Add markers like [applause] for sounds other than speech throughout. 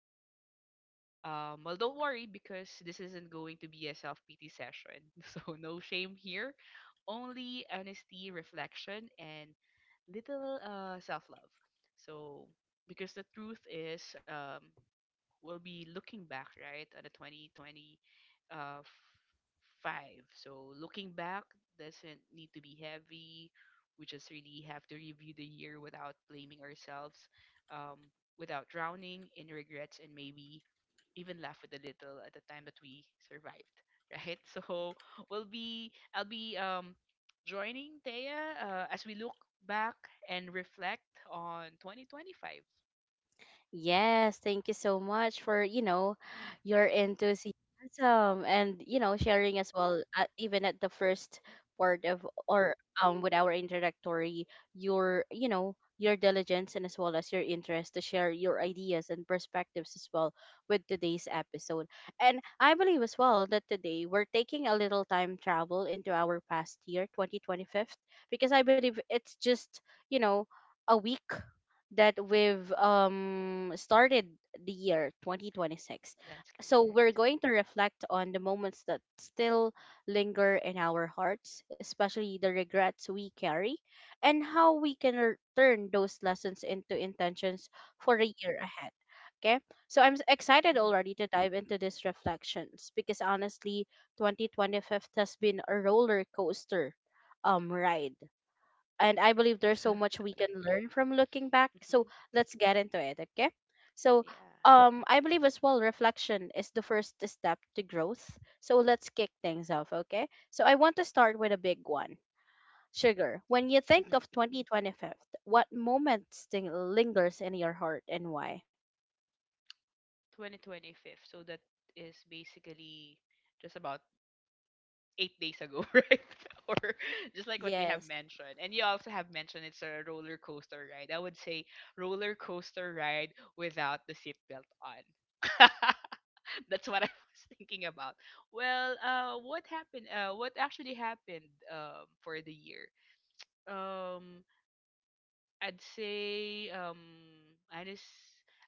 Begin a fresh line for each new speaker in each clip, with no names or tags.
look back. Well, don't worry because this isn't going to be a self pity session. [laughs] So, no shame here. Only honesty, reflection, and little self love. So, because the truth is, we'll be looking back right at the 2020 uh five, so looking back doesn't need to be heavy. We just really have to review the year without blaming ourselves, um without drowning in regrets, and maybe even laugh with a little at the time that we survived, right? [laughs] so we'll be I'll be joining Thea, as we look back and reflect on 2025.
Yes, thank you so much for, you know, your enthusiasm and, you know, sharing as well, even at the first part of or with our introductory, your, you know, your diligence and as well as your interest to share your ideas and perspectives as well with today's episode. And I believe as well that today we're taking a little time travel into our past year, 2025, because I believe it's just, you know, a week that we've started the year 2026.
That's
So we're
correct.
going to reflect on the moments that still linger in our hearts, especially the regrets we carry, and how we can turn those lessons into intentions for the year ahead. Okay, so excited already to dive into these reflections because honestly, 2025 has been a roller coaster ride, and I believe there's so
Mhm. [laughs]
much we can learn from looking back. So
Hmm.
let's get into it, okay? So
Yeah.
I believe as well reflection is the first step to growth. So let's kick things off, okay? So I want to start with a big one. Sugar, when you think
Mm-hmm.
of 2025, what moment lingers in your heart and why?
2025. So that is basically just about 8 days ago, [laughs] right? [laughs] Or just like what they have
Yes,
mentioned. And you also have mentioned it's a roller coaster ride. I would say roller coaster ride without the seatbelt on. [laughs] That's what I was thinking about. Well, what happened? What actually happened, for the year? Um, I'd say honest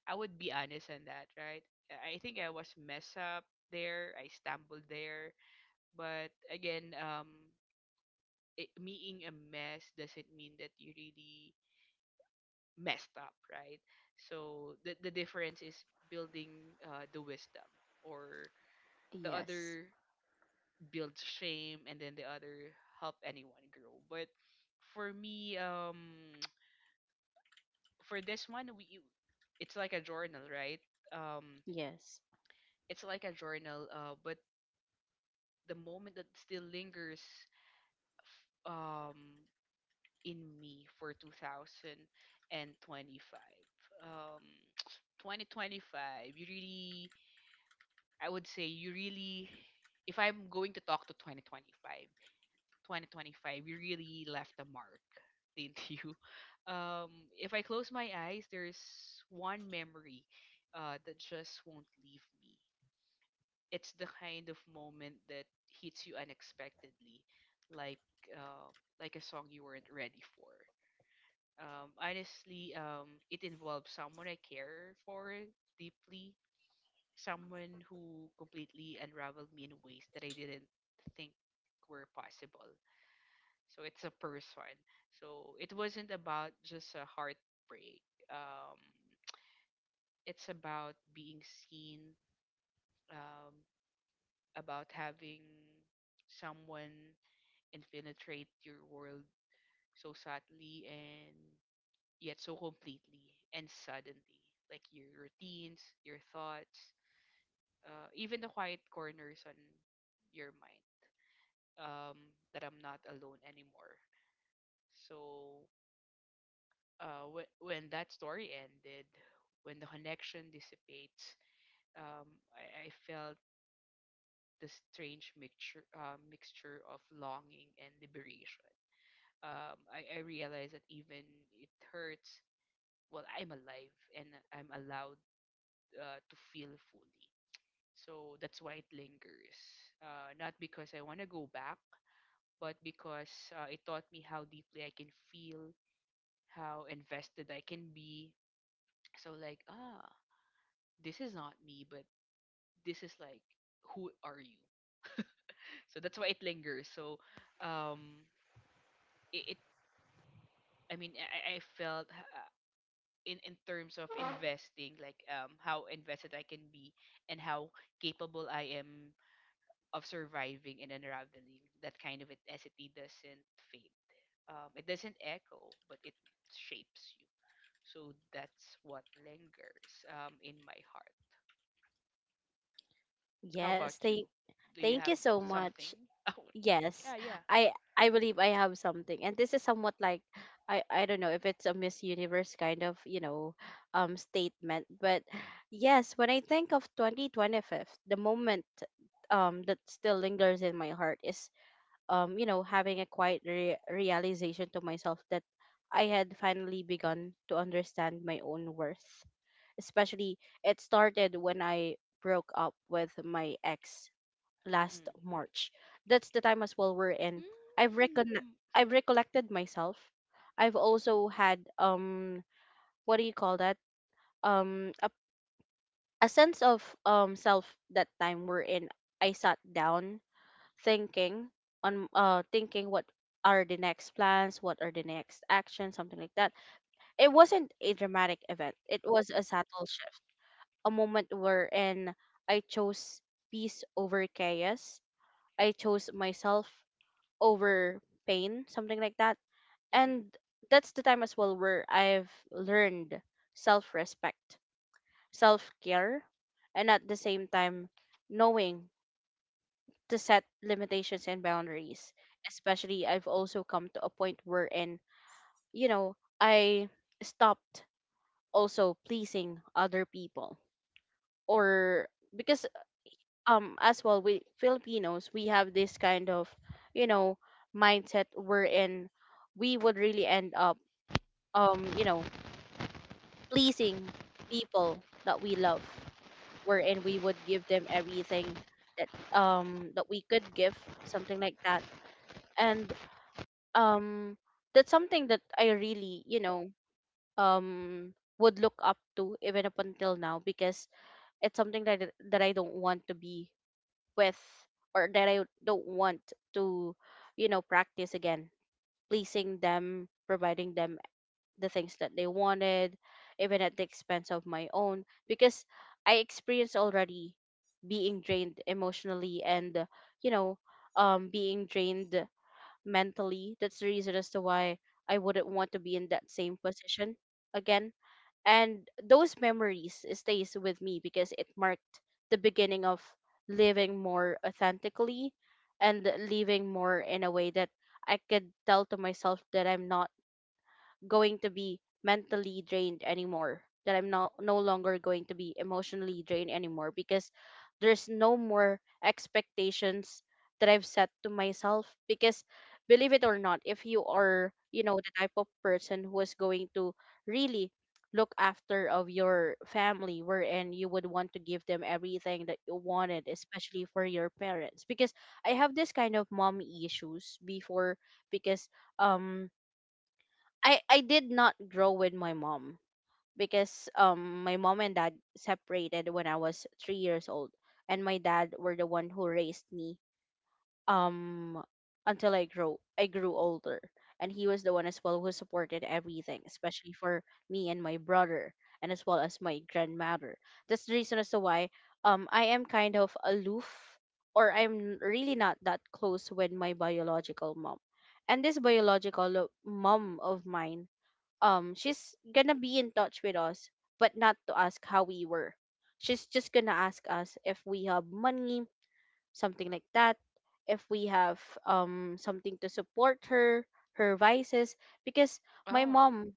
I would be honest on that, right? I think I was mess up there, I stumbled there. But again, being a mess doesn't mean that you really messed up, right? So the difference is building the wisdom, or the
yes,
other builds shame, and then the other help anyone grow. But for me, for this one, we it's like a journal, right? um
yes.
it's like a journal, but the moment that still lingers f- um in me for 2025. um [tsk] 2025, you really, I would say you really, if I'm going to talk to 2025, 2025, you really left a mark, didn't [laughs] you? Um, if I close my eyes, there's one memory that just won't leave me. It's the kind of moment that hits you unexpectedly, like uh, like a song you weren't ready for. Honestly, it involves someone I care for deeply, someone who completely unraveled me in ways that I didn't think were possible. So it's a person. So it wasn't about just a heartbreak. um it's about being seen, um about having someone infiltrate your world, so sadly and yet so completely and suddenly, like your routines, your thoughts, even the quiet corners on your mind, um that I'm not alone anymore. So when that story ended, when the connection dissipates, um, I felt the strange mixture mixture of longing and liberation. I realized that even it hurts. Well, I'm alive and I'm allowed to feel fully. So that's why it lingers. Not because I want to go back, but because it taught me how deeply I can feel, how invested I can be. So like this is not me, but this is like, who are you? So that's why it lingers. So, um, it, it I mean, I felt, in terms of investing, how invested I can be, and how capable I am of surviving, and unraveling that kind of intensity doesn't fade. It doesn't echo, but it shapes you. So that's what lingers, in my heart. How
Yes,
about you? Do you
thank
have
you so much.
something? [laughs] Oh,
Yes,
yeah, yeah.
I I believe I have something, and this is somewhat like I don't know if it's a Miss Universe kind of, you know, statement, but yes, when I think of 2025, the moment that still lingers in my heart is, you know, having a quiet realization to myself that I had finally begun to understand my own worth. Especially, it started when I broke up with my ex last
Mhm.
March. That's the time as well we're in. I've recon
Mhm.
I've recollected myself. I've also had, what do you call that? Um a, a sense of self that time we're in. I sat down thinking on, thinking what are the next plans, what are the next actions, something like that. It wasn't a dramatic event. It was a subtle shift. A moment wherein I chose peace over chaos. I chose myself over pain, something like that.
Mhm.
And that's the time as well where I've learned self respect, self care, and at the same time, knowing to set limitations and boundaries. Especially, I've also come to a point wherein, you know, I stopped also pleasing other people or because, as well, we Filipinos, we have this kind of, you know, mindset wherein we would really end up, you know, pleasing people that we love, wherein we would give them everything that that we could give, something like that. And um that's something that I really, you know, um would look up to even up until now, because it's something that I don't want to be with, or that I don't want to, you know, practice again, pleasing them, providing them the things that they wanted, even at the expense of my own, because I experienced already being drained emotionally and, you know, being drained mentally. That's the reason as to why I wouldn't want to be in that same position again. And those memories stays with me because it marked the beginning of living more authentically, and living more in a way that I could tell to myself that I'm not going to be mentally drained anymore, that I'm not no longer going to be emotionally drained anymore, because there's no more expectations that I've set to myself. Because believe it or not, if you are, you know, the type of person who is going to really look after of your family, wherein you would want to give them everything that you wanted, especially for your parents, because I have this kind of mommy issues before. Because um, I did not grow with my mom, because my mom and dad separated when I was 3 years old, and my dad were the one who raised me um until I grew older, and he was the one as well who supported everything, especially for me and my brother, and as well as my grandmother. That's the reason as to why I am kind of aloof, or I'm really not that close with my biological mom. And this biological mom of mine, she's gonna be in touch with us, but not to ask how we were. She's just gonna ask us if we have money, something like that, if we have something to support her, her vices. Because my
Oh.
mom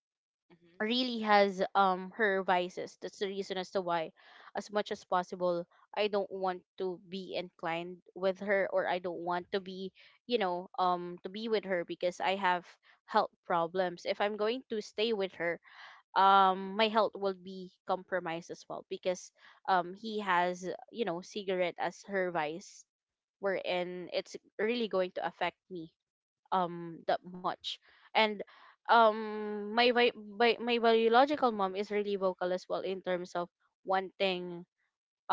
Mhm.
really has, her vices. That's the reason as to why, as much as possible, I don't want to be inclined with her, or I don't want to be, you know, to be with her, because I have health problems. If I'm going to stay with her, my health will be compromised as well, because he has, you know, cigarette as her vice, wherein it's really going to affect me that much. And um, my biological mom is really vocal as well in terms of wanting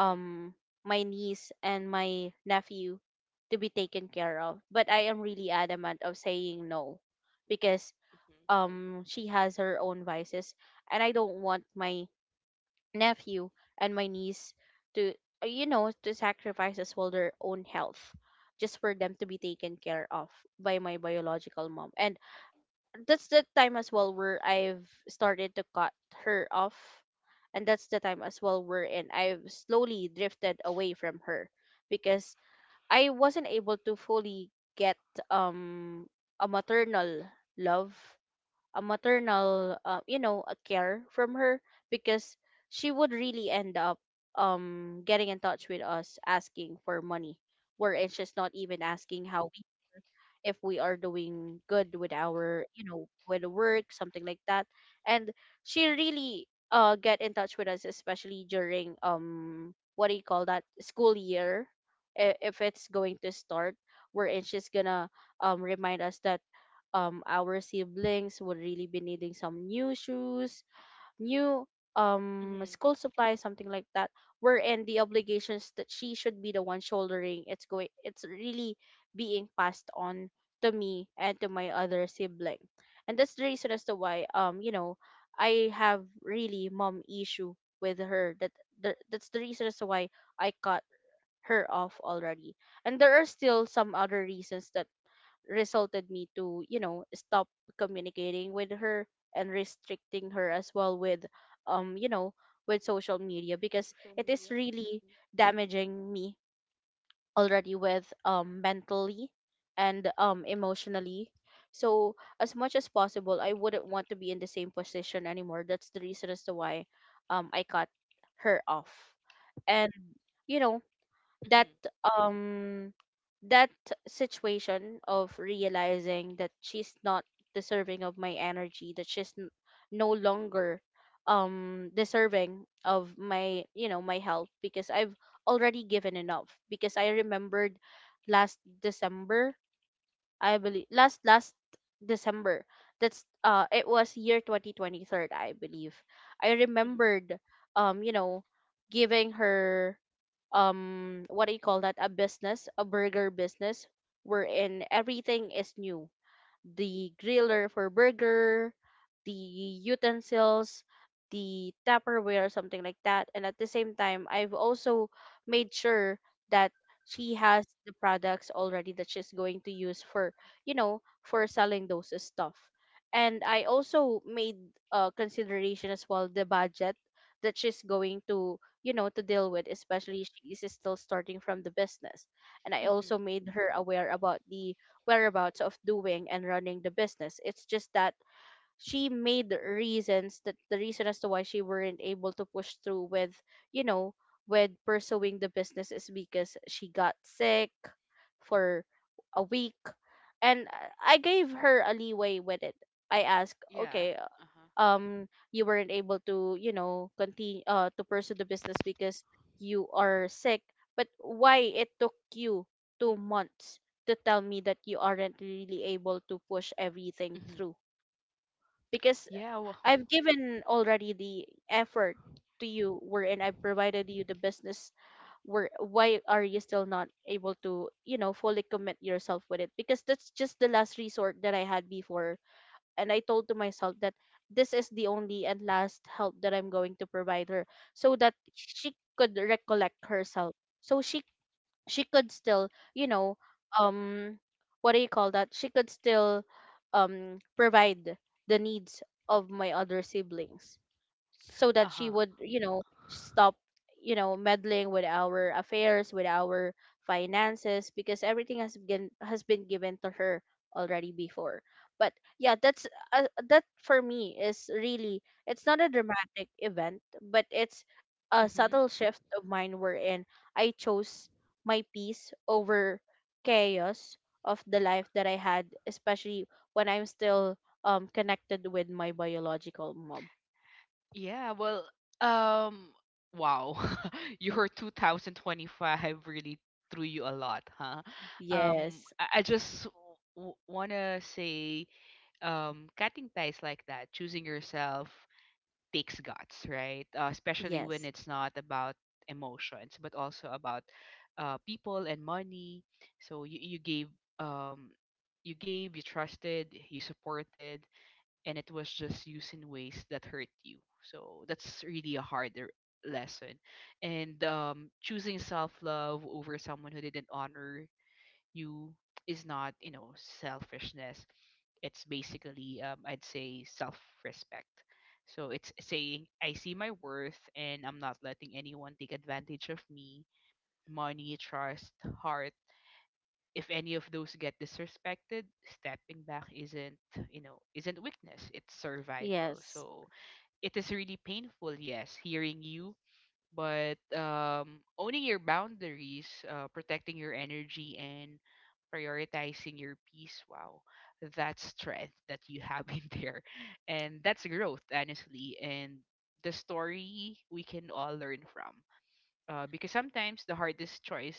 Mm.
my niece and my nephew to be taken care of, but I am really adamant of saying no, because
Mhm.
she has her own vices, and I don't want my nephew and my niece to, you know, to sacrifice as well their own health just for them to be taken care of by my biological mom. And that's the time as well where I've started to cut her off, and that's the time as well wherein I've slowly drifted away from her, because I wasn't able to fully get um a maternal love, a maternal, you know, a care from her, because she would really end up, getting in touch with us asking for money, where it's just not even asking how we, if we are doing good with our, you know, with the work, something like that. And she really, get in touch with us, especially during, what do you call that, school year, if it's going to start, wherein she's gonna remind us that our siblings would really be needing some new shoes, new
Mhm.
school supplies, something like that. Wherein the obligations that she should be the one shouldering, it's really being passed on to me and to my other sibling. And that's the reason as to why, you know, I have really mom issue with her. That's the reason as to why I cut her off already. And there are still some other reasons that resulted me to, you know, stop communicating with her, and restricting her as well with, you know, with social media, because
Social
it is
media. Mhm.
really damaging me already with, mentally, and emotionally. So as much as possible, I wouldn't want to be in the same position anymore. That's the reason as to why I cut her off. And, you know, that
Mhm.
um that situation of realizing that she's not deserving of my energy, that she's no longer deserving of my, you know, my help, because I've already given enough. Because I remembered last December, I believe last December. That's it was year 2023, I believe. I
Mhm.
remembered, you know, giving her, what do you call that, a business, a burger business, wherein everything is new: the griller for burger, the utensils, the Tupperware, or something like that. And at the same time, I've also made sure that she has the products already that she's going to use for, you know, for selling those stuff. And I also made, consideration as well the budget that she's going to, you know, to deal with, especially she is still starting from the business. And I also
Mhm.
made her aware about the whereabouts of doing and running the business. It's just that she made reasons that the reason as to why she weren't able to push through with, you know, with pursuing the business is because she got sick for a week. And I gave her a leeway with it. I asked,
Yeah.
okay,
Uh huh.
you weren't able to, continue to pursue the business because you are sick, but why it took you 2 months to tell me that you aren't really able to push everything
Mhm.
through, because
Yeah. Well.
I've
[laughs]
given already the effort to you, wherein I've provided you the business. Where Why are you still not able to, fully commit yourself with it? Because that's just the last resort that I had before, and I told to myself that this is the only and last help that I'm going to provide her, so that she could recollect herself. So she could still, you know, um what do you call that? She could still provide the needs of my other siblings, so
Uh
that she
huh.
would, you know, stop, you know, meddling with our affairs, with our finances, because everything has been given to her already before. But yeah, that's that for me is really, it's not a dramatic event, but it's a
Mhm.
subtle shift of mine, wherein I chose my peace over chaos of the life that I had, especially when I'm still connected with my biological mom.
Yeah. Well. Um. Wow. [laughs] Your 2025 really threw you a lot, huh?
Yes,
I just wanna say, cutting ties like that, choosing yourself takes guts, right? Especially when
yes,
it's not about emotions, but also about people and money. So um, you gave, you trusted, you supported, and it was just used in ways that hurt you. So that's really a harder lesson. And choosing self love over someone who didn't honor you is not selfishness. It's basically, I'd say, self-respect. So it's saying I see my worth, and I'm not letting anyone take advantage of me. Money, trust, heart. If any of those get disrespected, stepping back isn't, you know, isn't weakness. It's survival.
yes,
So it is really painful, yes, hearing you, but owning your boundaries, protecting your energy, and prioritizing your peace, wow, that's strength that you have [laughs] in there. And that's growth, honestly. And the story we can all learn from. Because sometimes the hardest choice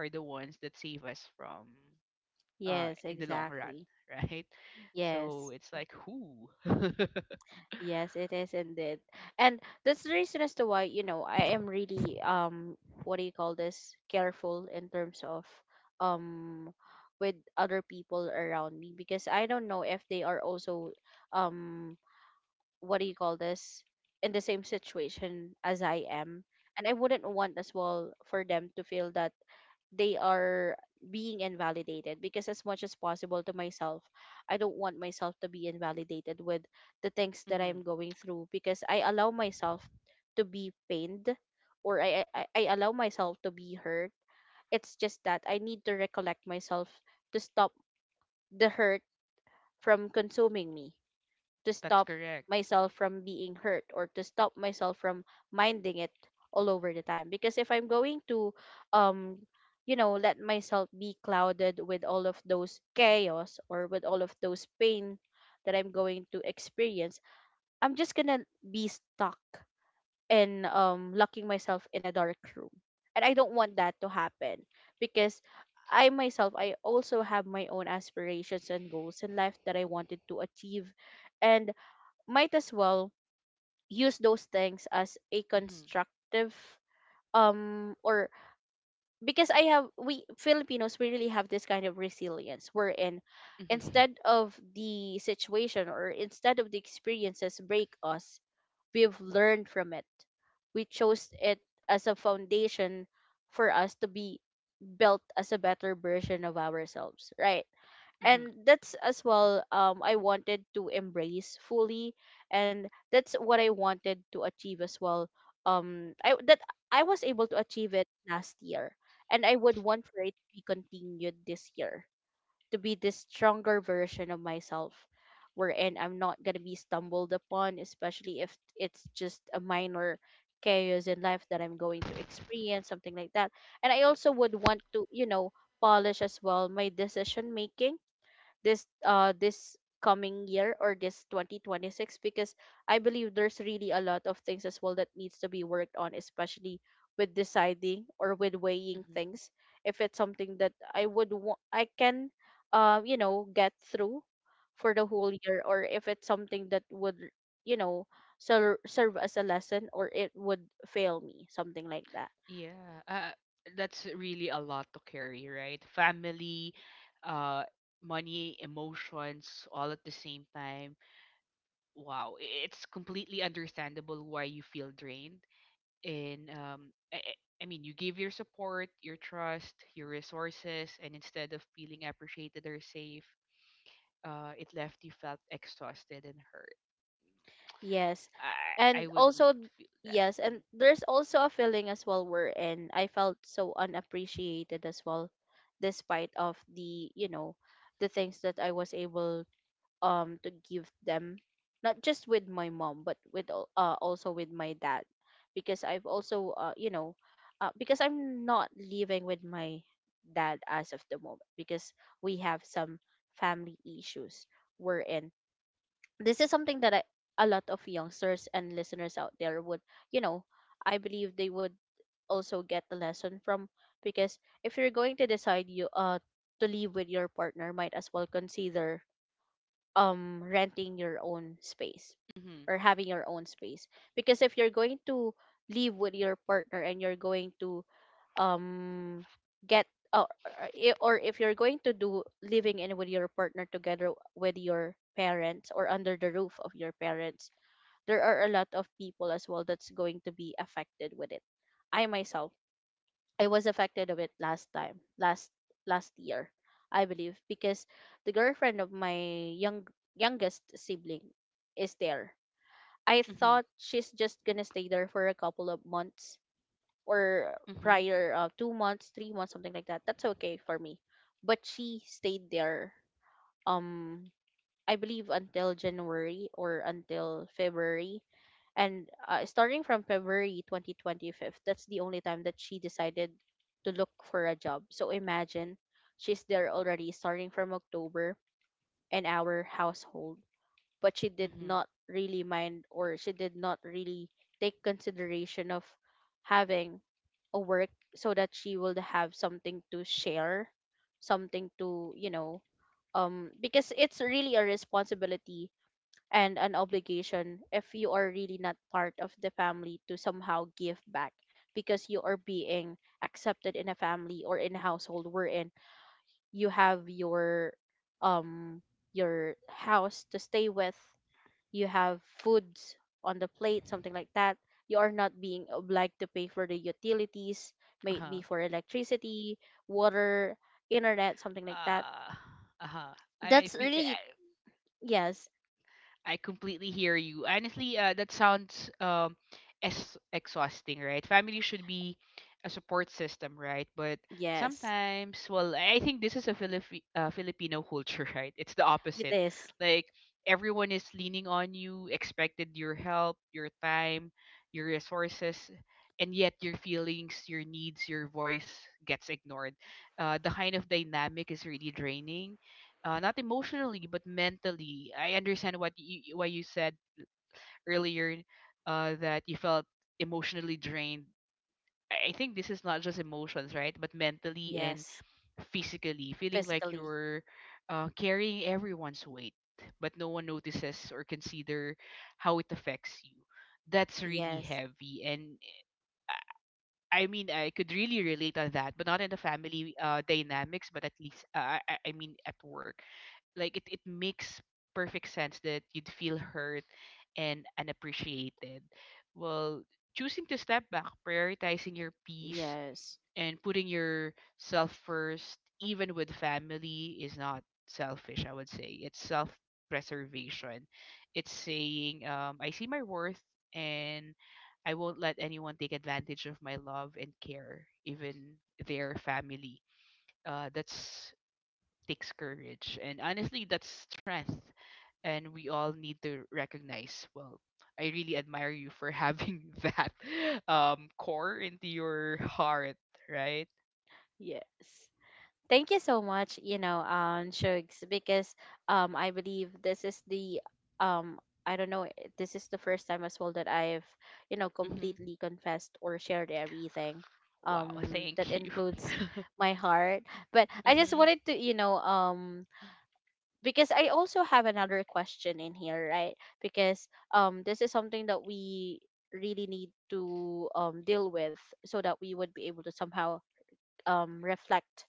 are the ones that save us from
yes,
in the long run,
exactly.
[laughs] right? So
Yes,
it's like, who? [laughs]
yes, it is indeed. And that's the reason as to why, you know, I am really what do you call this? careful in terms of, um with other people around me, because I don't know if they are also, um what do you call this? in the same situation as I am. And I wouldn't want, as well, for them to feel that they are being invalidated, because as much as possible to myself, I don't want myself to be invalidated with the things that
Hmm.
I'm going through, because I allow myself to be pained, or I allow myself to be hurt. It's just that I need to recollect myself, to stop the hurt from consuming me, to
That's
stop
correct.
myself
Hmm.
from being hurt, or to stop myself from minding it all over the time. Because if I'm going to, um you know, let myself be clouded with all of those chaos or with all of those pain that I'm going to experience, I'm just going to be stuck in, locking myself in a dark room, and I don't want that to happen. Because I myself, I also have my own aspirations and goals in life that I wanted to achieve, and might as well use those things as a constructive or because I have, we Filipinos, we really have this kind of resilience, wherein
Hmm.
instead of the situation, or instead of the experiences break us, we've learned from it. We chose it as a foundation for us to be built as a better version of ourselves, right?
Hmm.
And that's as well, I wanted to embrace fully, and that's what I wanted to achieve as well. um i that I was able to achieve it last year, and I would want for it to be continued this year, to be this stronger version of myself, wherein I'm not going to be stumbled upon, especially if it's just a minor chaos in life that I'm going to experience, something like that. And I also would want to, you know, polish as well my decision making, this coming year, or this 2026, because I believe there's really a lot of things as well that needs to be worked on, especially with deciding or with weighing
Hmm.
things, if it's something that I would want I can, you know, get through for the whole year, or if it's something that would, you know, serve as a lesson, or it would fail me, something like that.
Yeah, that's really a lot to carry, right? Family, uh, money, emotions, all at the same time. Wow, it's completely understandable why you feel drained. And I mean, you give your support, your trust, your resources, and instead of feeling appreciated or safe, it left you felt exhausted and hurt.
Yes.
I
And
would
also,
feel that.
yes,
Mm-hmm.
and there's also a feeling as well wherein I felt so unappreciated as well, despite of the, you know, the things that I was able to give them, not just with my mom but with also with my dad, because I've also you know, because I'm not living with my dad as of the moment, because we have some family issues, wherein this is something that I, a lot of youngsters and listeners out there would, you know, I believe they would also get the lesson from. Because if you're going to decide you to live with your partner, might as well consider renting your own space, or having your own space. Because if you're going to live with your partner, and you're going to, um get or I- or if you're going to do living in with your partner together with your parents, or under the roof of your parents, there are a lot of people as well that's going to be affected with it. i myself I was affected of it last time, last year, I believe, because the girlfriend of my young youngest sibling is there. I
Mm-hmm. Mm-hmm.
thought she's just gonna stay there for a couple of months, or
Mm-hmm.
prior 2 months, 3 months, something like that. That's okay for me. But she stayed there. Um, I believe until January or until February, and starting from February 2025, that's the only time that she decided to look for a job. So imagine, she's there already starting from October, and our household, but she did
Mm-hmm.
not really mind, or she did not really take consideration of having a work, so that she will have something to share, something to, you know, because it's really a responsibility and an obligation, if you are really not part of the family, to somehow give back. Because you are being accepted in a family, or in a household, wherein you have your, um your house to stay with, you have foods on the plate, something like that, you are not being obliged to pay for the utilities, may it be
Uh-huh.
for electricity, water, internet, something like that.
uh uh-huh. I
That's
feel
really, yes,
I completely hear you honestly, that sounds, as exhausting, right? Family should be a support system, right? But
yes,
sometimes, well, I think this is a filipino culture, [laughs] right, it's the
it
opposite.
is.
Like, everyone is leaning on you, expected your help, your time, your resources, and yet your feelings, your needs, your voice gets ignored. The kind of dynamic is really draining, not emotionally but mentally. I understand what you why you said earlier, that you felt emotionally drained. I think this is not just emotions, right? But mentally and
Yes,
physically, feeling like
physically.
you're carrying everyone's weight, but no one notices or consider how it affects you. That's really
Yes,
heavy, and I mean, I could really relate on that, but not in the family dynamics, but at least, I mean, at work. Like, it makes perfect sense that you'd feel hurt and unappreciated. Well, choosing to step back, prioritizing your peace,
yes,
and putting yourself first even with family is not selfish. I would say it's self preservation. It's saying, I see my worth, and I won't let anyone take advantage of my love and care, even their family. That's takes courage, and honestly, that's strength, and we all need to recognize. Well, I really admire you for having [laughs] that core into your heart, right?
yes. Thank you so much, you know, Shugs, because I believe this is the, um, I don't know, this is the first time as well that I've, you know,
Mhm.
completely confessed or shared everything,
Wow,
that
thank you.
includes
[laughs]
my heart. But I just
Mhm.
wanted to, you know, because I also have another question in here, right? Because this is something that we really need to deal with, so that we would be able to somehow reflect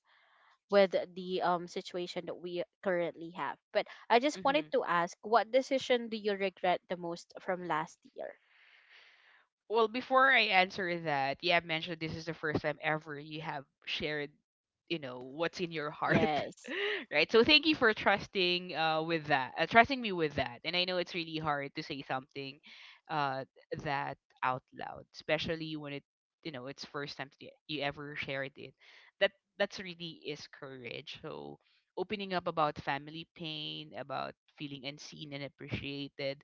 with the situation that we currently have. But I just wanted
Mhm.
to ask, what decision do you regret the most from last year?
Well, before I answer that, you have mentioned this is the first time ever you have shared what's in your heart, [laughs]
Yes.
right? So thank you for trusting with that, trusting me with that. And I know it's really hard to say something, uh, that out loud, especially when it's first time that you ever shared it. That that's really is courage. So opening up about family pain, about feeling unseen and appreciated,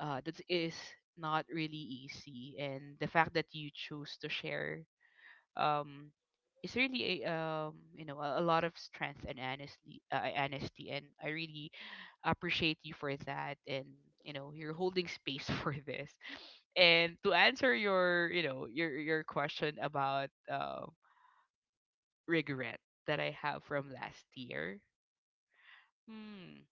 that is not really easy, and the fact that you choose to share um is really a a lot of strength and honesty, and I really appreciate you for that, and you're holding space [laughs] for this. And to answer your you know your question about regret that I have from last year. Hmm.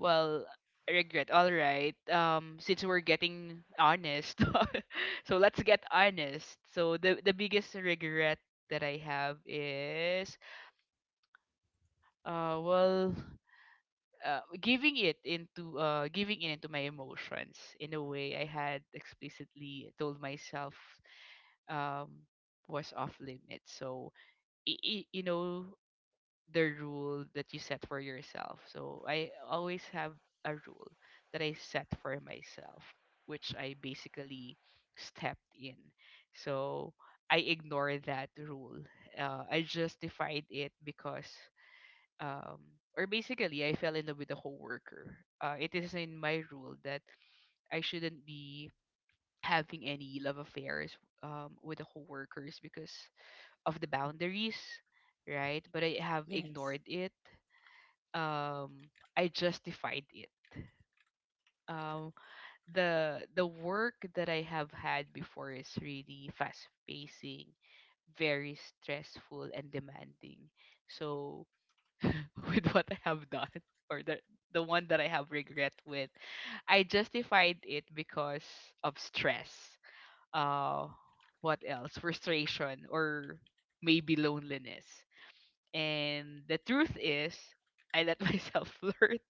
Well, regret. All right. Since we're getting honest, [laughs] so let's get honest. So the biggest regret that I have is uh well giving in into my emotions in a way I had explicitly told myself um was off limits. So you know the rule that you set for yourself. So I always have a rule that I set for myself, which I basically stepped in. So I ignore that rule. I justified it um, or basically, I fell in love with a coworker. It is in my rule that I shouldn't be having any love affairs, with the coworkers, because of the boundaries, right? But I have
Yes.
ignored it, I justified it. Um the work that I have had before is really fast pacing, very stressful and demanding. So [laughs] with what I have done, [laughs] or the one that I have regret with, I justified it because of stress. Uh what else? Frustration, or maybe loneliness. And the truth is I let [laughs] myself flirt.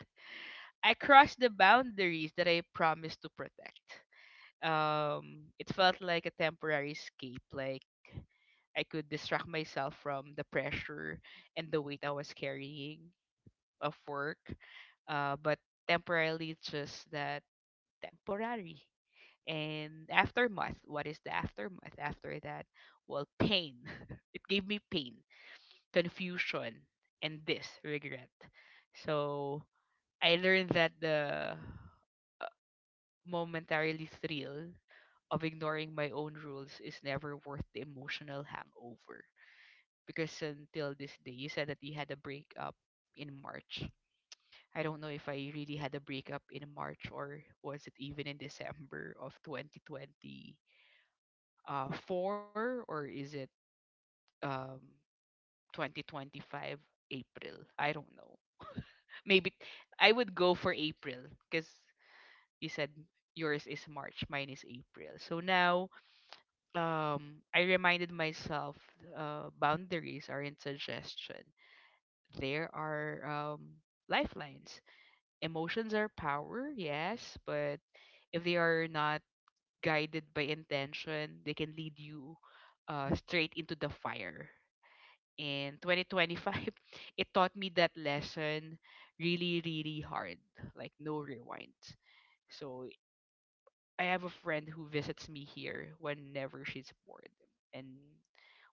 I crossed the boundaries that I promised to protect. It felt like a temporary escape. Like I could distract myself from the pressure and the weight I was carrying of work. But temporarily, it's just that temporary. And aftermath, what is the aftermath after that? Well, pain. [laughs] It gave me pain, confusion, and this regret. So I learned that the momentarily thrill of ignoring my own rules is never worth the emotional hangover. Because until this day, you said that you had a breakup in March. I don't know if I really had a breakup in March, or was it even in December of 2020 4, or is it um 2025 April? I don't know. Maybe I would go for April, because you said yours is March, mine is April. So now I reminded myself boundaries aren't suggestion. There are lifelines. Emotions are power, yes, but if they are not guided by intention, they can lead you straight into the fire. In 2025, [laughs] it taught me that lesson really really hard, like no rewinds. So I have a friend who visits me here whenever she's bored, and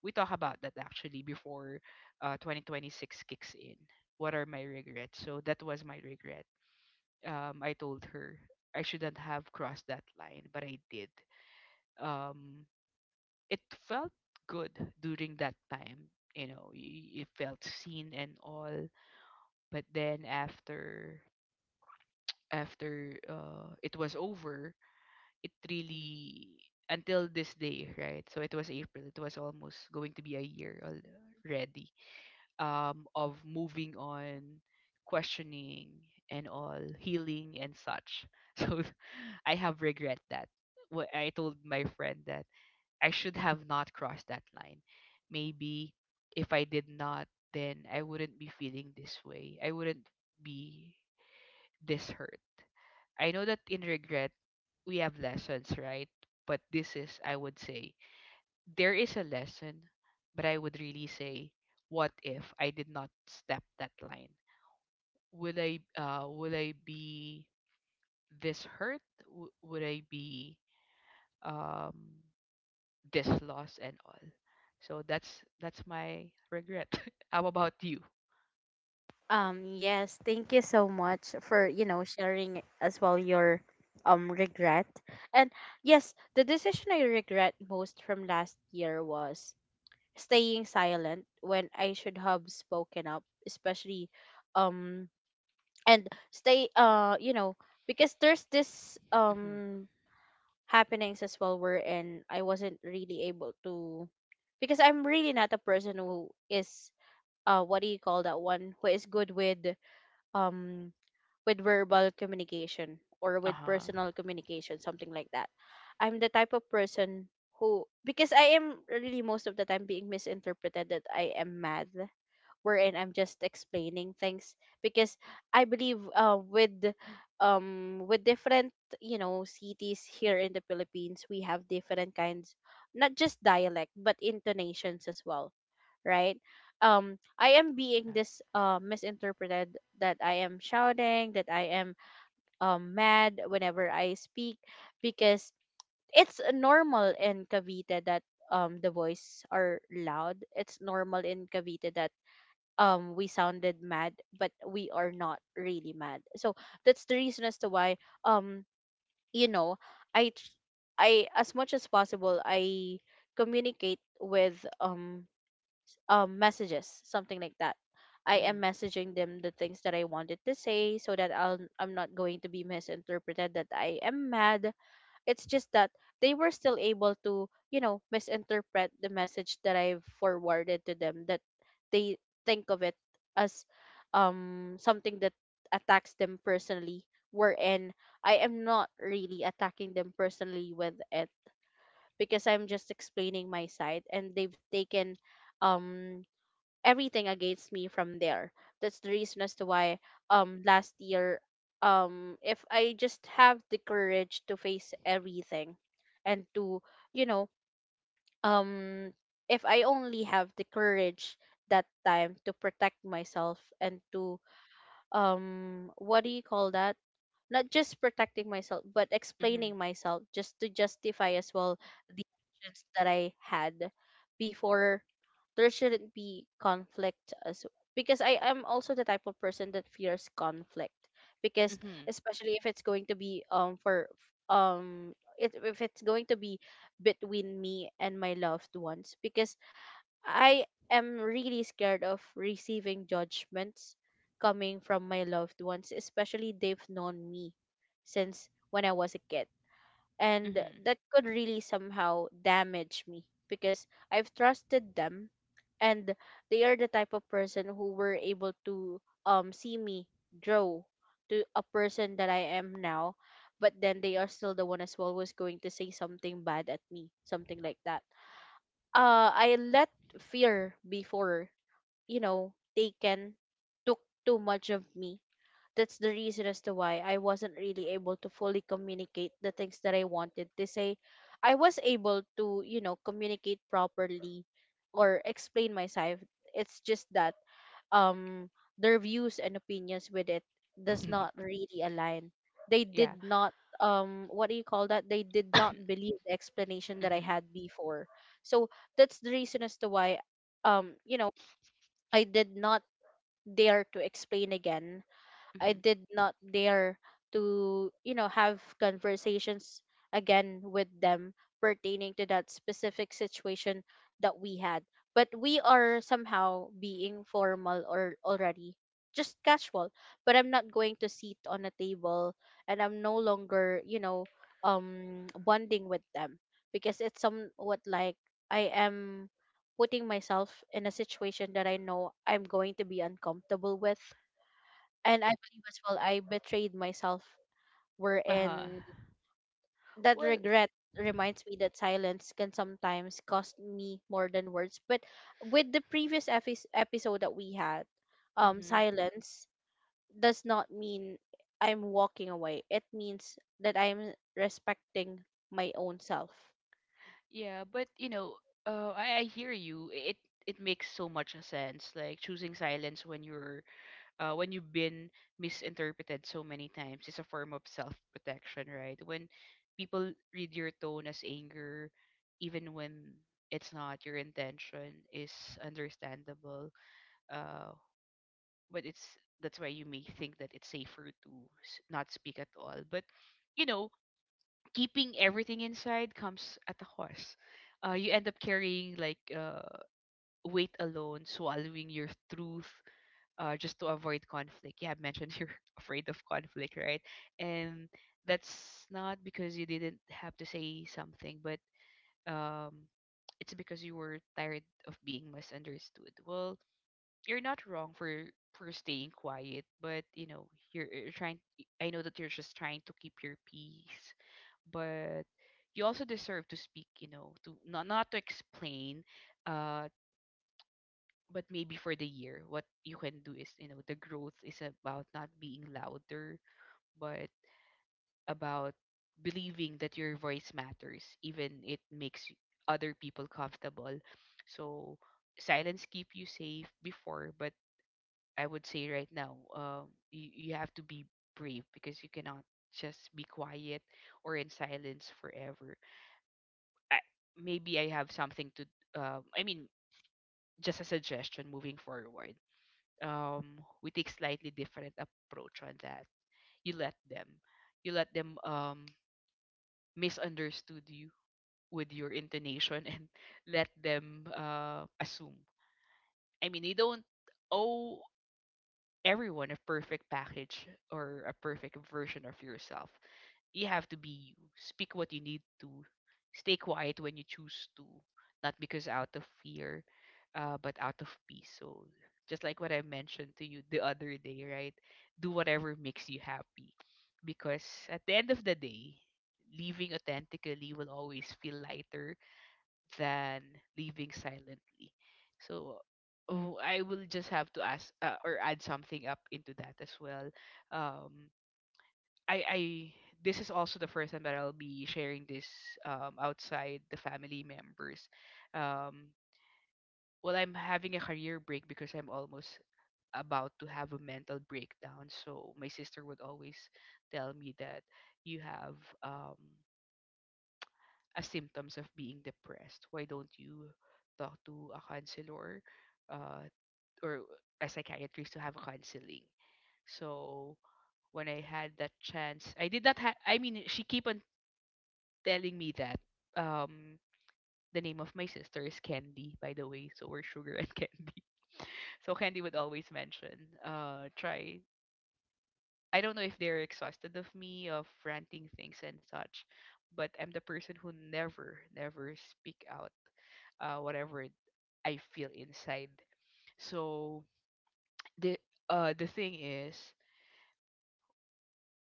we talk about that actually before 2026 kicks in. What are my regrets? So that was my regret. I told her I shouldn't have crossed that line, but I did. Um, it felt good during that time. You know, it felt seen and all, but then after after it was over, it really until this day, right? So it was April. It was almost going to be a year already, of moving on, questioning and all, healing and such. [laughs] So I have regret that. What I told my friend that I should have not crossed that line. Maybe if I did not, then I wouldn't be feeling this way. I wouldn't be this hurt. I know that in regret, we have lessons, right? But this is, I would say, there is a lesson, but I would really say, what if I did not step that line? Will I be this hurt? Would I be um, this lost and all? So that's my regret. [laughs] How about you?
Yes, thank you so much for, you know, sharing as well your regret. And yes, the decision I regret most from last year was staying silent when I should have spoken up, especially, um and stay you know, because there's this
Mm-hmm.
happenings as well, wherein I wasn't really able to, because I'm really not a person who is, what do you call that, one who is good um with verbal communication or
Uh
with
huh.
personal communication, something like that. I'm the type of person who, because I am really most of the time being misinterpreted that I am mad, wherein I'm just explaining things, because I believe, with different, you know, cities here in the Philippines, we have different kinds, not just dialect but intonations as well, right? I am being
Yeah.
this misinterpreted that I am shouting, that I am mad whenever I speak, because it's normal in Cavite that the voice are loud, it's normal in Cavite that we sounded mad but we are not really mad. So that's the reason as to why, um you know, i tr- I, as much as possible, I communicate with, messages, something like that. I am
Mm-hmm.
messaging them the things that I wanted to say so that I'll, I'm not going to be misinterpreted that I am mad. It's just that they were still able to, you know, misinterpret the message that I've forwarded to them, that they think of it as something that attacks them personally, wherein I am not really attacking them personally with it, because I'm just explaining my side, and they've taken um everything against me from there. That's the reason as to why, last year, if I just have the courage to face everything, and to, you know, um if I only have the courage that time to protect myself, and to, what do you call that not just protecting myself but
Mm-hmm.
explaining myself, just to justify as well the actions that I had before, there shouldn't be conflict as well. Because I am also the type of person that fears conflict, because,
Mm-hmm.
especially if it's going to be, um if it's going to be between me and my loved ones, because I am really scared of receiving judgments coming from my loved ones, especially they've known me since when I was a kid. And that could really somehow damage me because I've trusted them, and they are the type of person who were able to see me grow to a person that I am now. But then they are still the one as well who's going to say something bad at me, something like that. I let fear before, taken took too much of me. That's the reason as to why I wasn't really able to fully communicate the things that I wanted to say. I was able to, communicate properly or explain myself. It's just that um their views and opinions with it does
Mm-hmm.
not really align. They
[laughs] Yeah.
did not, what do you call that, they did not believe the explanation that I
Mm-hmm.
had before. So that's the reason as to why, um you know I did not dare to explain again. I
Mm-hmm.
did not dare to, have conversations again with them pertaining to that specific situation that we had. But we are somehow being formal or already just casual. But I'm not going to sit on a table, and I'm no longer, bonding with them, because it's somewhat like I am putting myself in a situation that I know I'm going to be uncomfortable with, and I believe as well I betrayed myself,
Uh huh.
wherein that
Well,
regret reminds me that silence can sometimes cost me more than words. But with the previous episode that we had,
hmm,
silence does not mean I'm walking away. It means that I'm respecting my own self.
yeah, but you know, I hear you. It makes so much sense. Like choosing silence when you've been misinterpreted so many times is a form of self protection, right? When people read your tone as anger, even when it's not your intention, is understandable. Uh, but it's that's why you may think that it's safer to not speak at all. But you know, keeping everything inside comes at a cost. You end up carrying like weight alone, swallowing your truth, just to avoid conflict. You have mentioned [laughs] you're afraid of conflict, right? And that's not because you didn't have to say something, but um, it's because you were tired of being misunderstood. Well, you're not wrong for staying quiet, but you know you're trying. I know that you're just trying to keep your peace, but you also deserve to speak, you know, to not to explain, uh but maybe for the year what you can do is, you know, the growth is about not being louder, but about believing that your voice matters even it makes other people comfortable. So silence keep you safe before, but I would say right now, you have to be brave, because you cannot just be quiet or in silence forever. I, maybe I have something to um I mean just a suggestion moving forward. We take slightly different approach on that. You let them you let them misunderstood you with your intonation and [laughs] let them assume. I mean you don't owe everyone a perfect package or a perfect version of yourself. You have to be you. Speak what you need to. Stay quiet when you choose to, not because out of fear, but out of peace. So just like what I mentioned to you the other day, right? Do whatever makes you happy, because at the end of the day, living authentically will always feel lighter than living silently. So. Oh, I will just have to ask, or add something up into that as well. Um, I this is also the first time that I'll be sharing this outside the family members. Um well, I'm having a career break because I'm almost about to have a mental breakdown. So my sister would always tell me that you have um a symptoms of being depressed. Why don't you talk to a counselor uh or a psychiatrist to have counseling? So when I had that chance, I did not have. I mean, she keep on telling me that um the name of my sister is Candy, by the way, so we're sugar and [laughs] candy. So Candy would always mention, try. I don't know if they're exhausted of me of ranting things and such, but I'm the person who never, never speak out, whatever I feel inside. So the the thing is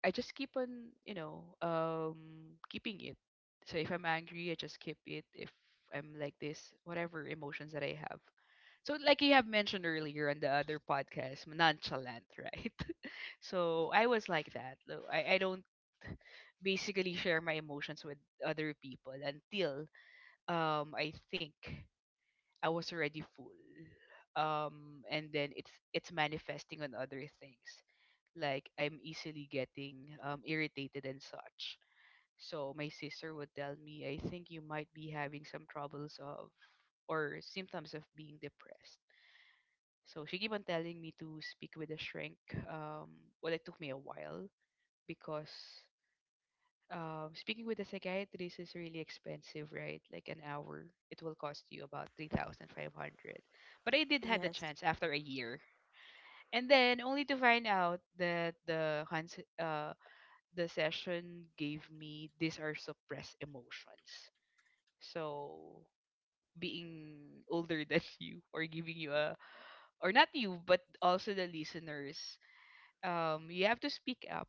I just keep on, you know, keeping it. So if I'm angry, I just keep it. If I'm like this, whatever emotions that I have. So like you have mentioned earlier on the other podcast, nonchalant, right? [laughs] So I was like that. I don't basically share my emotions with other people until I think I was already full. And then it's manifesting on other things like I'm easily getting irritated and such. So my sister would tell me, I think you might be having some troubles of or symptoms of being depressed. So she keep on telling me to speak with a shrink. Um, well, it took me a while because speaking with a psychiatrist is really expensive, right? Like an hour, it will cost you about 3,500. But I did had the
Yes.
chance after a year. And then only to find out that the session gave me these are suppressed emotions. So being older than [laughs] you, or giving you a, or not you but also the listeners, you have to speak up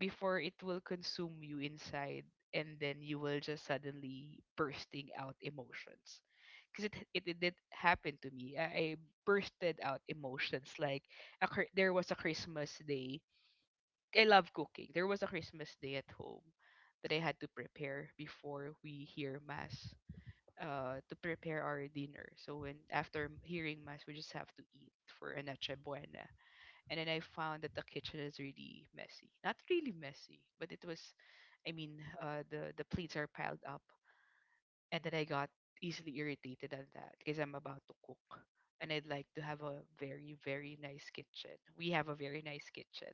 before it will consume you inside and then you will just suddenly bursting out emotions because it did happen to me. I bursted out emotions like there was a christmas day. I love cooking. There was a christmas day at home that I had to prepare before we hear mass, to prepare our dinner. So when after hearing mass, we just have to eat for a noche buena. And then I found that the kitchen is really messy. Not really messy, but it was, I mean, the plates are piled up, and then I got easily irritated at that because I'm about to cook. And I'd like to have a very, very nice kitchen. We have a very nice kitchen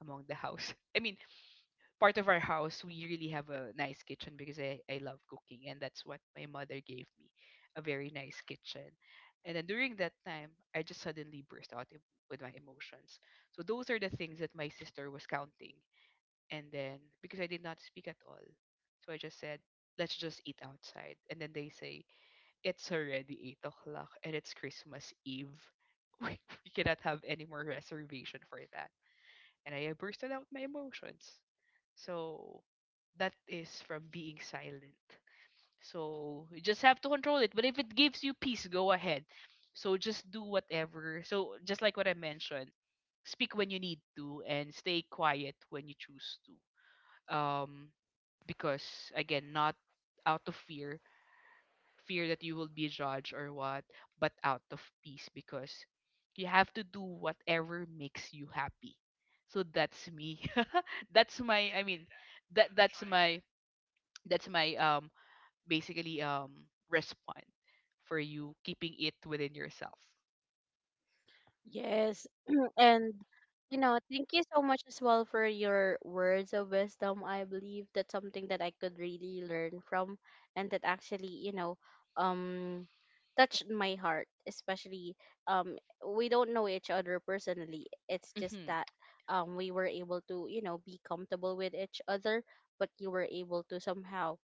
among the house. [laughs] I mean, part of our house, we really have a nice kitchen because I love cooking, and that's what my mother gave me, a very nice kitchen. And then during that time, I just suddenly burst out with my emotions. So those are the things that my sister was counting. And then because I did not speak at all, so I just said, let's just eat outside. And then they say, it's already 8 o'clock and it's Christmas Eve. [laughs] We cannot have any more reservation for that, and I bursted out my emotions. So that is from being silent. So you just have to control it. But if it gives you peace, go ahead. So just do whatever. So just like what I mentioned, speak when you need to and stay quiet when you choose to. Um, because again, not out of fear, fear that you will be judged or what, but out of peace, because you have to do whatever makes you happy. So that's me. [laughs] that's my i mean that that's my that's my basically response for you keeping it within yourself.
Yes. [clears throat] And thank you so much as well for your words of wisdom. I believe that's something that I could really learn from, and that actually, um touched my heart. Especially um we don't know each other personally. It's just
Mhm.
that we were able to, be comfortable with each other, but you were able to somehow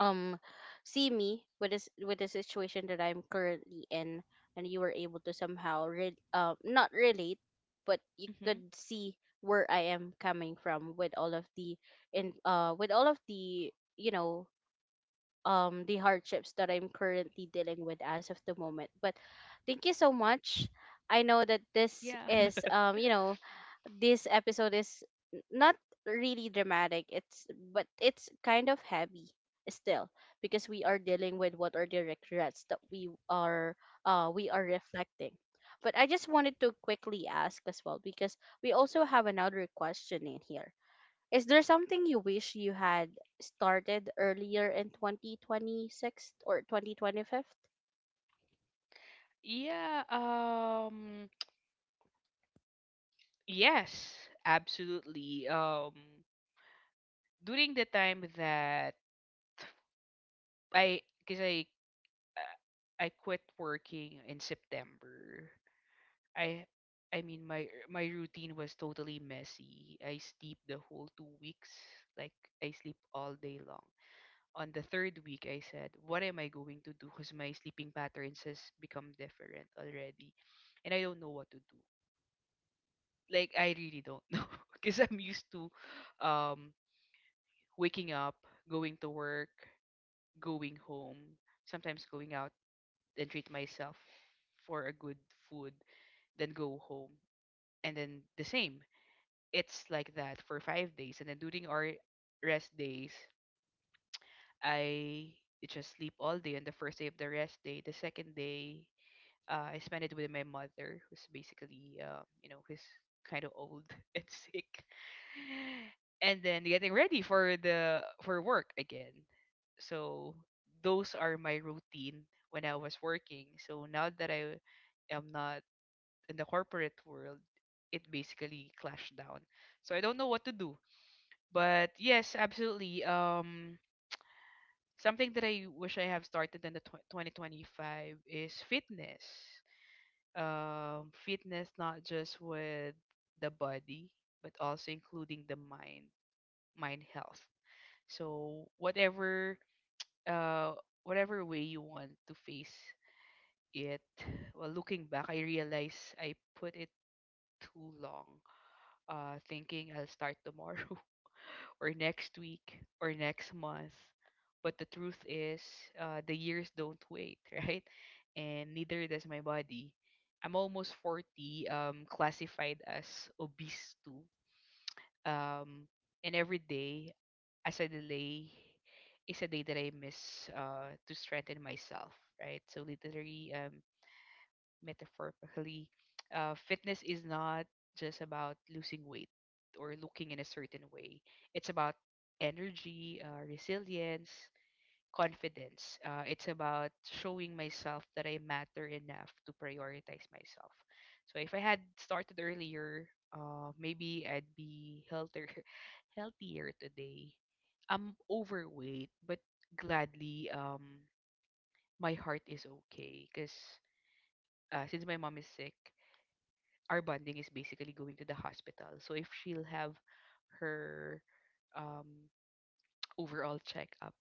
um see me with this with the situation that I'm currently in, and you were able to somehow not relate, but you could
Mhm.
see where I am coming from with all of the in with all of the, the hardships that I'm currently dealing with as of the moment. But thank you so much. I know that this
Yeah.
is,
[laughs]
this episode is not really dramatic. It's, but it's kind of heavy still, because we are dealing with what are the regrets that we are, we are reflecting. But I just wanted to quickly ask as well, because we also have another question in here. Is there something you wish you had started earlier in 2026 or 2025?
Yeah. Yes, absolutely. During the time that I because I quit working in september, i I mean my my routine was totally messy. I sleep the whole 2 weeks. Like I sleep all day long. On the third week, I said, what am I going to do? Because my sleeping patterns has become different already. And I don't know what to do. Like, I really don't [laughs] know. Because I'm used to um, waking up, going to work, going home, sometimes going out and treat myself for a good food, then go home. And then the same. It's like that for 5 days. And then during our rest days, I just sleep all day on the first day of the rest day. The second day, I spent it with my mother, who's basically, who's kind of old [laughs] and sick, and then getting ready for the for work again. So those are my routine when I was working. So now that I am not in the corporate world, it basically clashed down. So I don't know what to do. But yes, absolutely. Something that I wish I have started in the 2025 is fitness, fitness not just with the body but also including the mind, mind health. So whatever, uh whatever way you want to face it. Well, looking back, I realize I put it too long, thinking I'll start [laughs] tomorrow or next week or next month. But the truth is, the years don't wait, [laughs] right? And neither does my body. I'm almost 40, classified as obese too. Um, and every day as a delay is a day that I miss, to strengthen myself, right? So literally, metaphorically, fitness is not just about losing weight or looking in a certain way. It's about energy, resilience, confidence. It's about showing myself that I matter enough to prioritize myself. So if I had started earlier, maybe I'd be [laughs] healthier today. I'm overweight, but gladly, my heart is okay because, since my mom is sick, our bonding is basically going to the hospital. So if she'll have her, um, [tsk] overall checkup,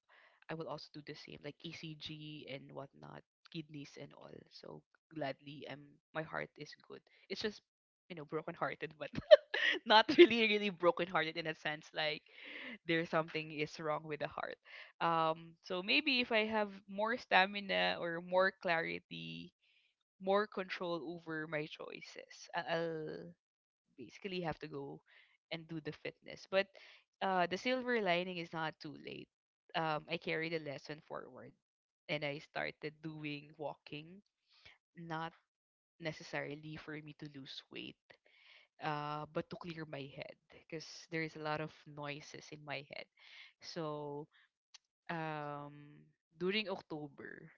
I will also do the same, like ECG and whatnot, kidneys and all. So gladly, my heart is good. It's just, you know, broken-hearted, but [laughs] not really, really broken-hearted in a sense like there's something is wrong with the heart. So maybe if I have more stamina or more clarity, more control over my choices, I'll basically have to go and do the fitness. But the silver lining is not too late. I carried the lesson forward and I started doing walking, not necessarily for me to lose weight, but to clear my head because there is a lot of noises in my head. So um, during October,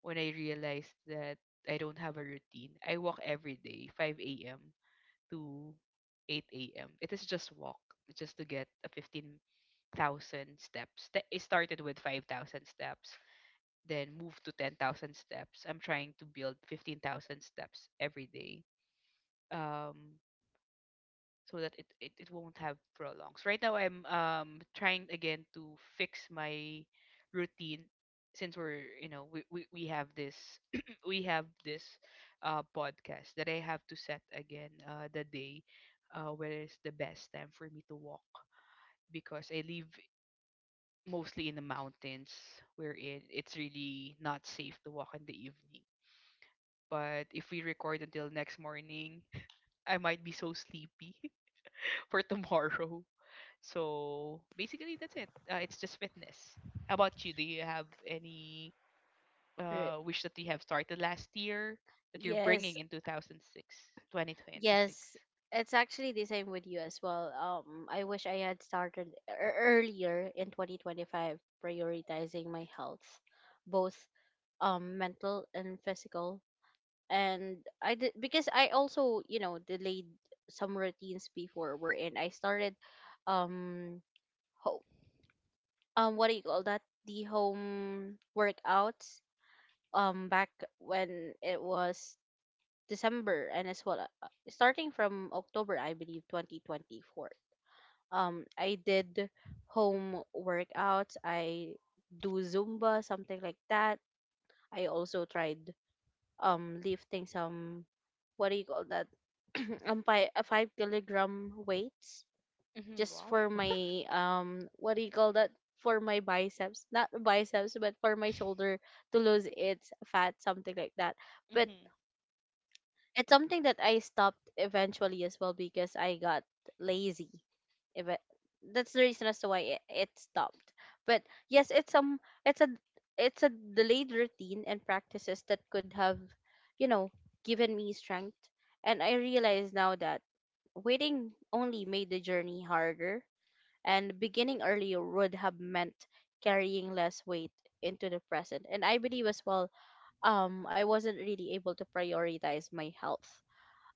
when I realized that I don't have a routine, I walk every day, 5 a.m. to 8 a.m. It is just walk, just to get a 15,000 steps. It started with 5,000 steps, then moved to 10,000 steps. I'm trying to build 15,000 steps every day. Um, so that it won't have prolongs. Right now, I'm trying again to fix my routine, since we're you know we have this [clears throat] we have this podcast that I have to set again, the day, where is the best time for me to walk, because I live mostly in the mountains wherein it's really not safe to walk in the evening. But if we record until next morning, [laughs] I might be so sleepy [laughs] for tomorrow. So basically, that's it. It's just fitness. How about you? Do you have any
Right.
wish that you have started last year that you're
Yes.
bringing in two thousand six twenty twenty six?
Yes, it's actually the same with you as well. I wish I had started earlier in 2025, prioritizing my health, both mental and physical. And I did, because I also, delayed some routines before we're in. I started um ho- what do you call that, the home workouts, back when it was December, and as well, starting from October, I believe, 2024. I did home workouts. I do Zumba, something like that. I also tried lifting some, what do you call that, [clears throat] five kilogram weights,
Mm-hmm.
just
Wow.
for my, what do you call that, for my biceps, not biceps, but for my
[laughs]
shoulder, to lose its fat, something like that. But
Mm-hmm.
it's something that I stopped eventually as well, because I got lazy. If it, That's the reason as to why it stopped. But yes, it's some it's a it's a delayed routine and practices that could have, you know given me strength. And I realize now that waiting only made the journey harder, and beginning earlier would have meant carrying less weight into the present. And I believe as well, I wasn't really able to prioritize my health,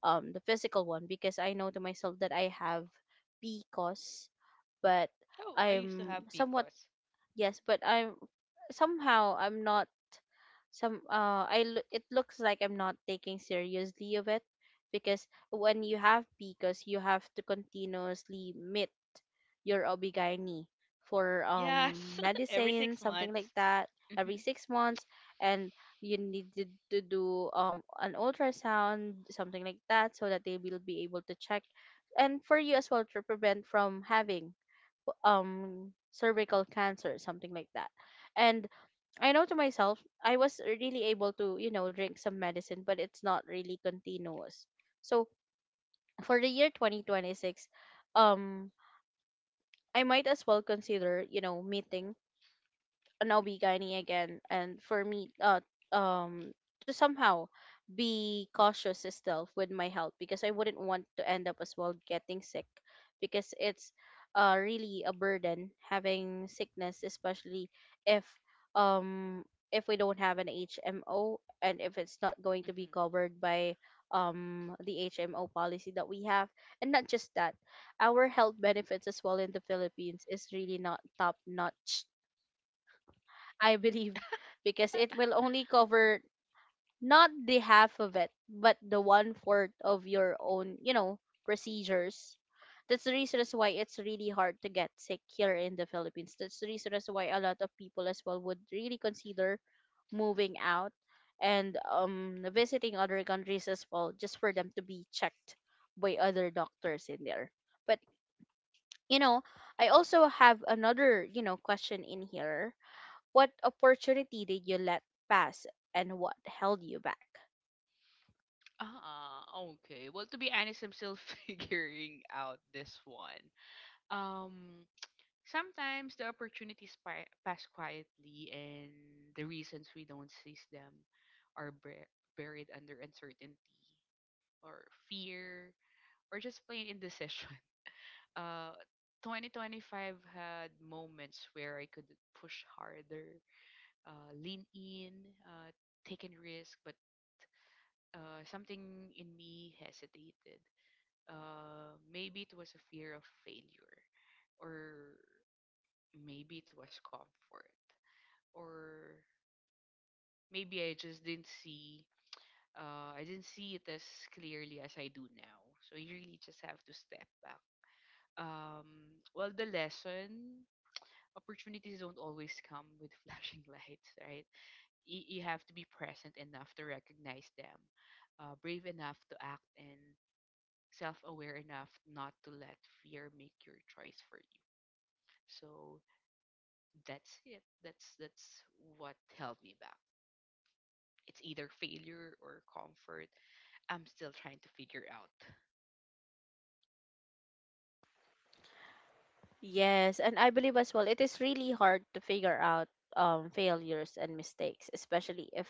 the physical one, because I know to myself that I have b cause but
Oh, I used to
I'm
have
somewhat.
Picos.
Yes, but I'm somehow I'm not some it looks like I'm not taking seriously of it, because when you have, because you have to continuously meet your obigani for,
Yes, [laughs] every
medicine,
six
something like
months.
that, every
Mm-hmm.
6 months. And you needed to do, an ultrasound, something like that, so that they will be able to check, and for you as well to prevent from having cervical cancer, something like that. And I know to myself I was really able to, drink some medicine, but it's not really continuous. So for the year 2026, um I might as well consider, meeting now be Nobigani again, and for me, um, to somehow be cautious still with my health, because I wouldn't want to end up as well getting sick, because it's, really a burden having sickness, especially if, um if we don't have an HMO, and if it's not going to be
Mm-hmm.
covered by, the HMO policy that we have. And not just that, our health benefits as well in the Philippines is really not top notch, I believe, [laughs] because it will only cover not the half of it, but the one fourth of your own, procedures. That's the reason as why it's really hard to get sick here in the Philippines. That's the reason as why a lot of people as well would really consider moving out and, visiting other countries as well, just for them to be checked by other doctors in there. But, you know, I also have another, question in here. What opportunity did you let pass, and what held you back?
Ah, okay. Well, to be honest, I'm still [laughs] figuring out this one. Um, Sometimes the opportunities pass quietly, and the reasons we don't seize them are buried under uncertainty or fear or just plain indecision. [laughs] Uh, 2025 had moments where I could push harder, lean in, uh, take a risk, but something in me hesitated. Maybe it was a fear of failure, or maybe it was comfort, or maybe I just didn't see, I didn't see it as clearly as I do now. So you really just have to step back. Well, the lesson: opportunities don't always come with [laughs] flashing lights, right? You have to be present enough to recognize them, brave enough to act, and self-aware enough not to let fear make your choice for you. So that's it. That's what held me back. It's either failure or comfort. I'm still trying to figure out.
Yes, and I believe as well it is really hard to figure out, failures and mistakes, especially if,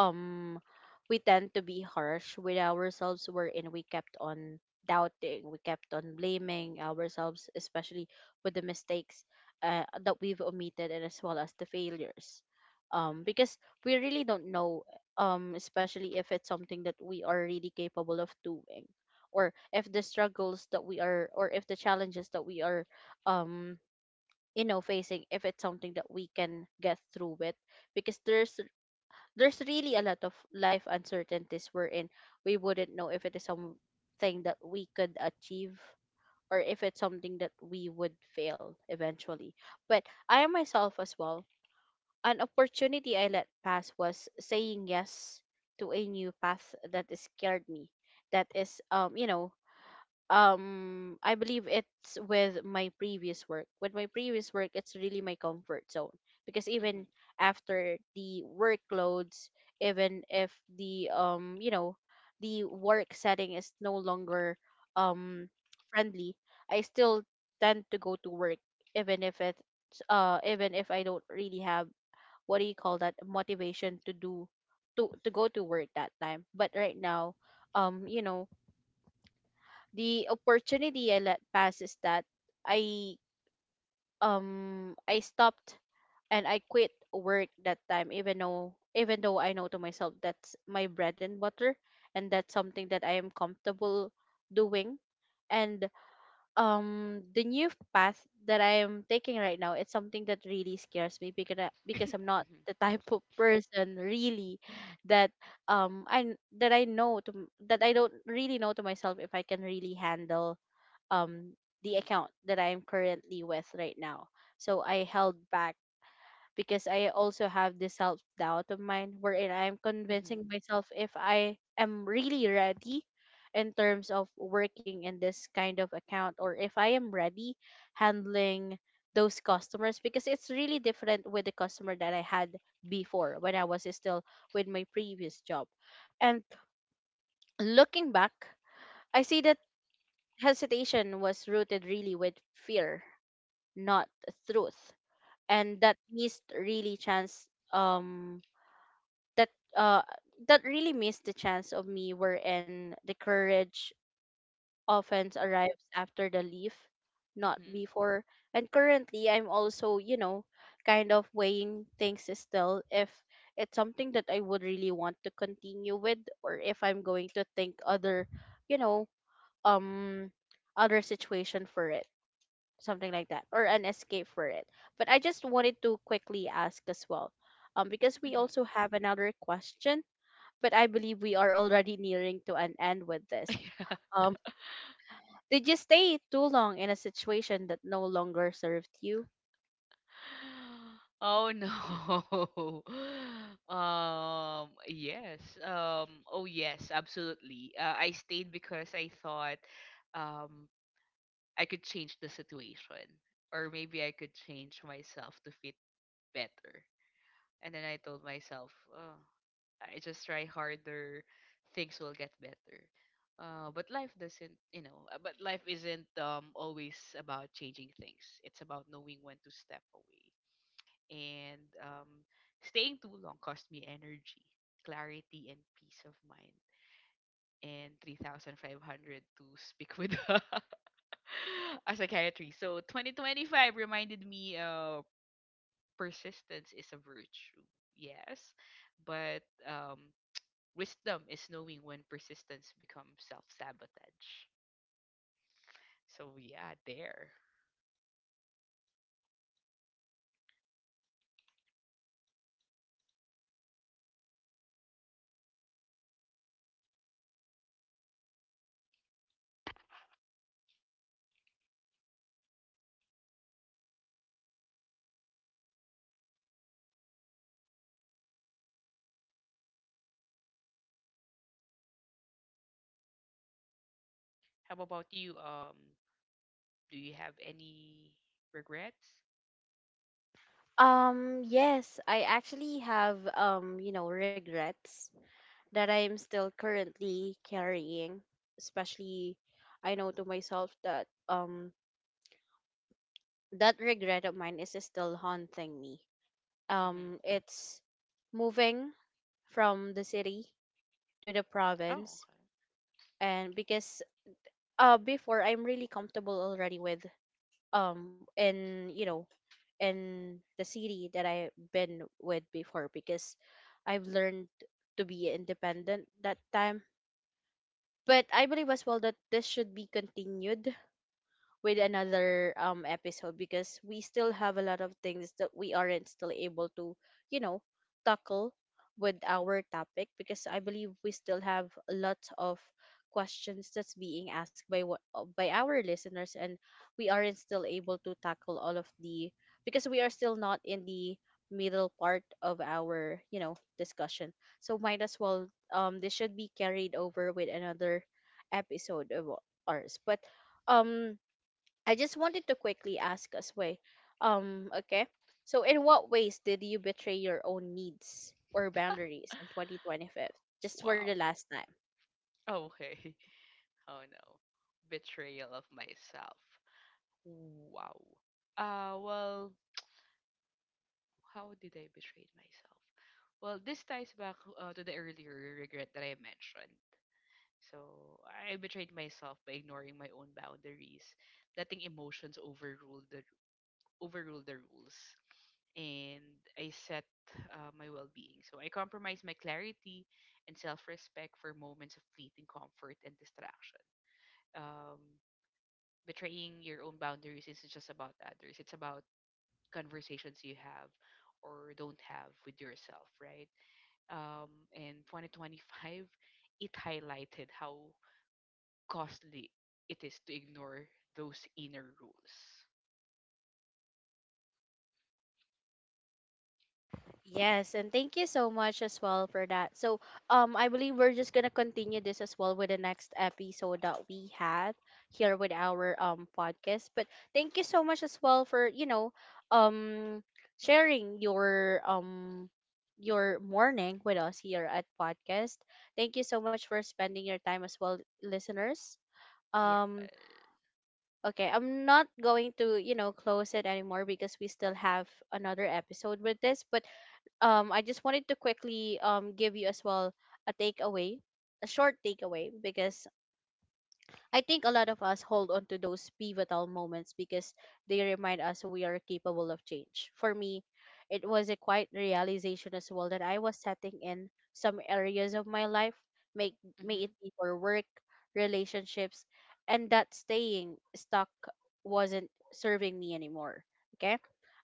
um we tend to be harsh with ourselves, wherein we kept on doubting, we kept on blaming ourselves, especially with the mistakes, that we've omitted, and as well as the failures. Because we really don't know, especially if it's something that we are really capable of doing, or if the struggles that we are, or if the challenges that we are, um facing, if it's something that we can get through with, because there's really a lot of life uncertainties we're in. We wouldn't know if it is something that we could achieve, or if it's something that we would fail eventually. But I myself as well, an opportunity I let pass was saying yes to a new path that scared me, that is, I believe it's with my previous work. With my previous work, it's really my comfort zone, because even
Mm-hmm.
after the workloads, even if the, the work setting is no longer, um friendly, I still tend to go to work, even if it's, even if I don't really have, what do you call that, motivation to do, to go to work that time. But right now, um you know the opportunity I let pass is that I, I stopped and I quit work that time, even though I know to myself that's my bread and butter, and that's something that I am comfortable doing. And, the new path that I am taking right now, it's something that really scares me, because I, because I'm
[coughs]
not the type of [laughs] person really, that, that I know that I don't really know to myself if I can really handle, um the account that I am currently with right now. So I held back, because I also have this self doubt of mine, wherein I'm
Mm-hmm.
convincing myself if I am really ready in terms of working in this kind of account, or if I am ready handling those customers, because it's really different with the customer that I had before when I was still with my previous job. And looking back, I see that hesitation was rooted really with fear, not truth. And that missed really chance, um that, uh that really missed the chance of me, wherein the courage often arrives after the leaf, not
Mm-hmm.
before. And currently I'm also, kind of weighing things still if it's something that I would really want to continue with, or if I'm going to think other, you know, um other situation for it. Something like that. Or an escape for it. But I just wanted to quickly ask as well. Because we also have another question, but I believe we are already nearing to an end with this.
Mm-hmm. Mm-hmm. [laughs]
Um, did you stay too long in a situation that no longer served you?
Oh no. [laughs] Yes. Oh yes, absolutely. I stayed because I thought, um I could change the situation or maybe I could change myself to fit better. And then I told myself, oh. I just try harder, things will get better. But life doesn't, you know, but life isn't, always about changing things. It's about knowing when to step away. And staying too long cost me energy, clarity, and peace of mind. And 3,500 to speak with [laughs] a psychiatrist. So 2025 reminded me, persistence is a virtue. Yes. But wisdom is knowing when persistence becomes self sabotage. So yeah, there. How about you? Do you have any regrets?
Yes, I actually have, regrets that I am still currently carrying, especially I know to myself that, that regret of mine is still haunting me.
Mm-hmm.
It's moving from the city to the
Oh,
province,
okay.
and because, before I'm really comfortable already with, in in the city that I've been with before, because I've learned to be independent that time. But I believe as well that this should be continued with another, episode, because we still have a lot of things that we aren't still able to, you know, tackle with our topic, because I believe we still have a lot of questions that's being asked by what by our listeners, and we aren't still able to tackle all of the, because we are still not in the middle part of our, discussion. So might as well, this should be carried over with another episode of ours. But, um I just wanted to quickly ask us, way, okay. So in what ways did you betray your own needs or boundaries in 2025? Just for the
Wow.
last time.
Oh, okay. [laughs] Oh no. Betrayal of myself. Wow. Well, how did I betray myself? Well, this ties back, to the earlier regret that I mentioned. So I betrayed myself by ignoring my own boundaries, letting emotions overrule the rules, and I set, my well-being. So I compromised my clarity and self-respect for moments of fleeting comfort and distraction. Um, betraying your own boundaries isn't just about others; it's about conversations you have or don't have with yourself, right? Um, and 2025, it highlighted how costly it is to ignore those inner rules.
Yes, and thank you so much as well for that. So, I believe we're just gonna continue this as well with the next episode that we had here with our, podcast. But thank you so much as well for, um, sharing your, your morning with us here at podcast. Thank you so much for spending your time as well, listeners.
Yeah.
Um, okay, I'm not going to, close it anymore, because we still have another episode with this. But, I just wanted to quickly, give you as well a takeaway, a short takeaway, because I think a lot of us hold on to those pivotal moments because they remind us we are capable of change. For me, it was a quiet realization as well that I was setting in some areas of my life, make may it
Mm-hmm.
be for work, relationships, and that staying stuck wasn't serving me anymore. Okay?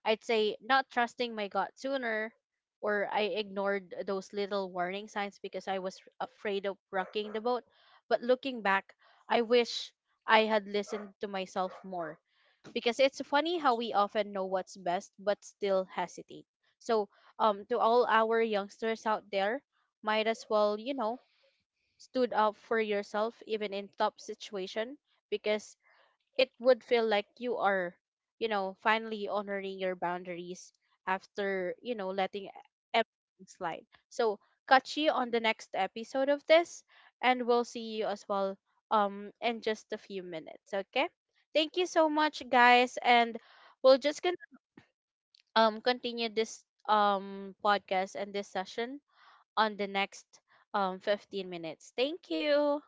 I'd say not trusting my gut sooner, or I ignored those little warning signs because I was afraid of rocking the boat. But looking back, I wish I had listened to myself more, because it's funny how we often know what's best but still hesitate. So, to all our youngsters out there, might as well, stood up for yourself even in tough situation, because it would feel like you are, finally honoring your boundaries after, letting everything slide. So, catch you on the next episode of this, and we'll see you as well, in just a few minutes, okay? Thank you so much, guys, and we'll just gonna, continue this, podcast and this session on the next, 15 minutes. Thank you.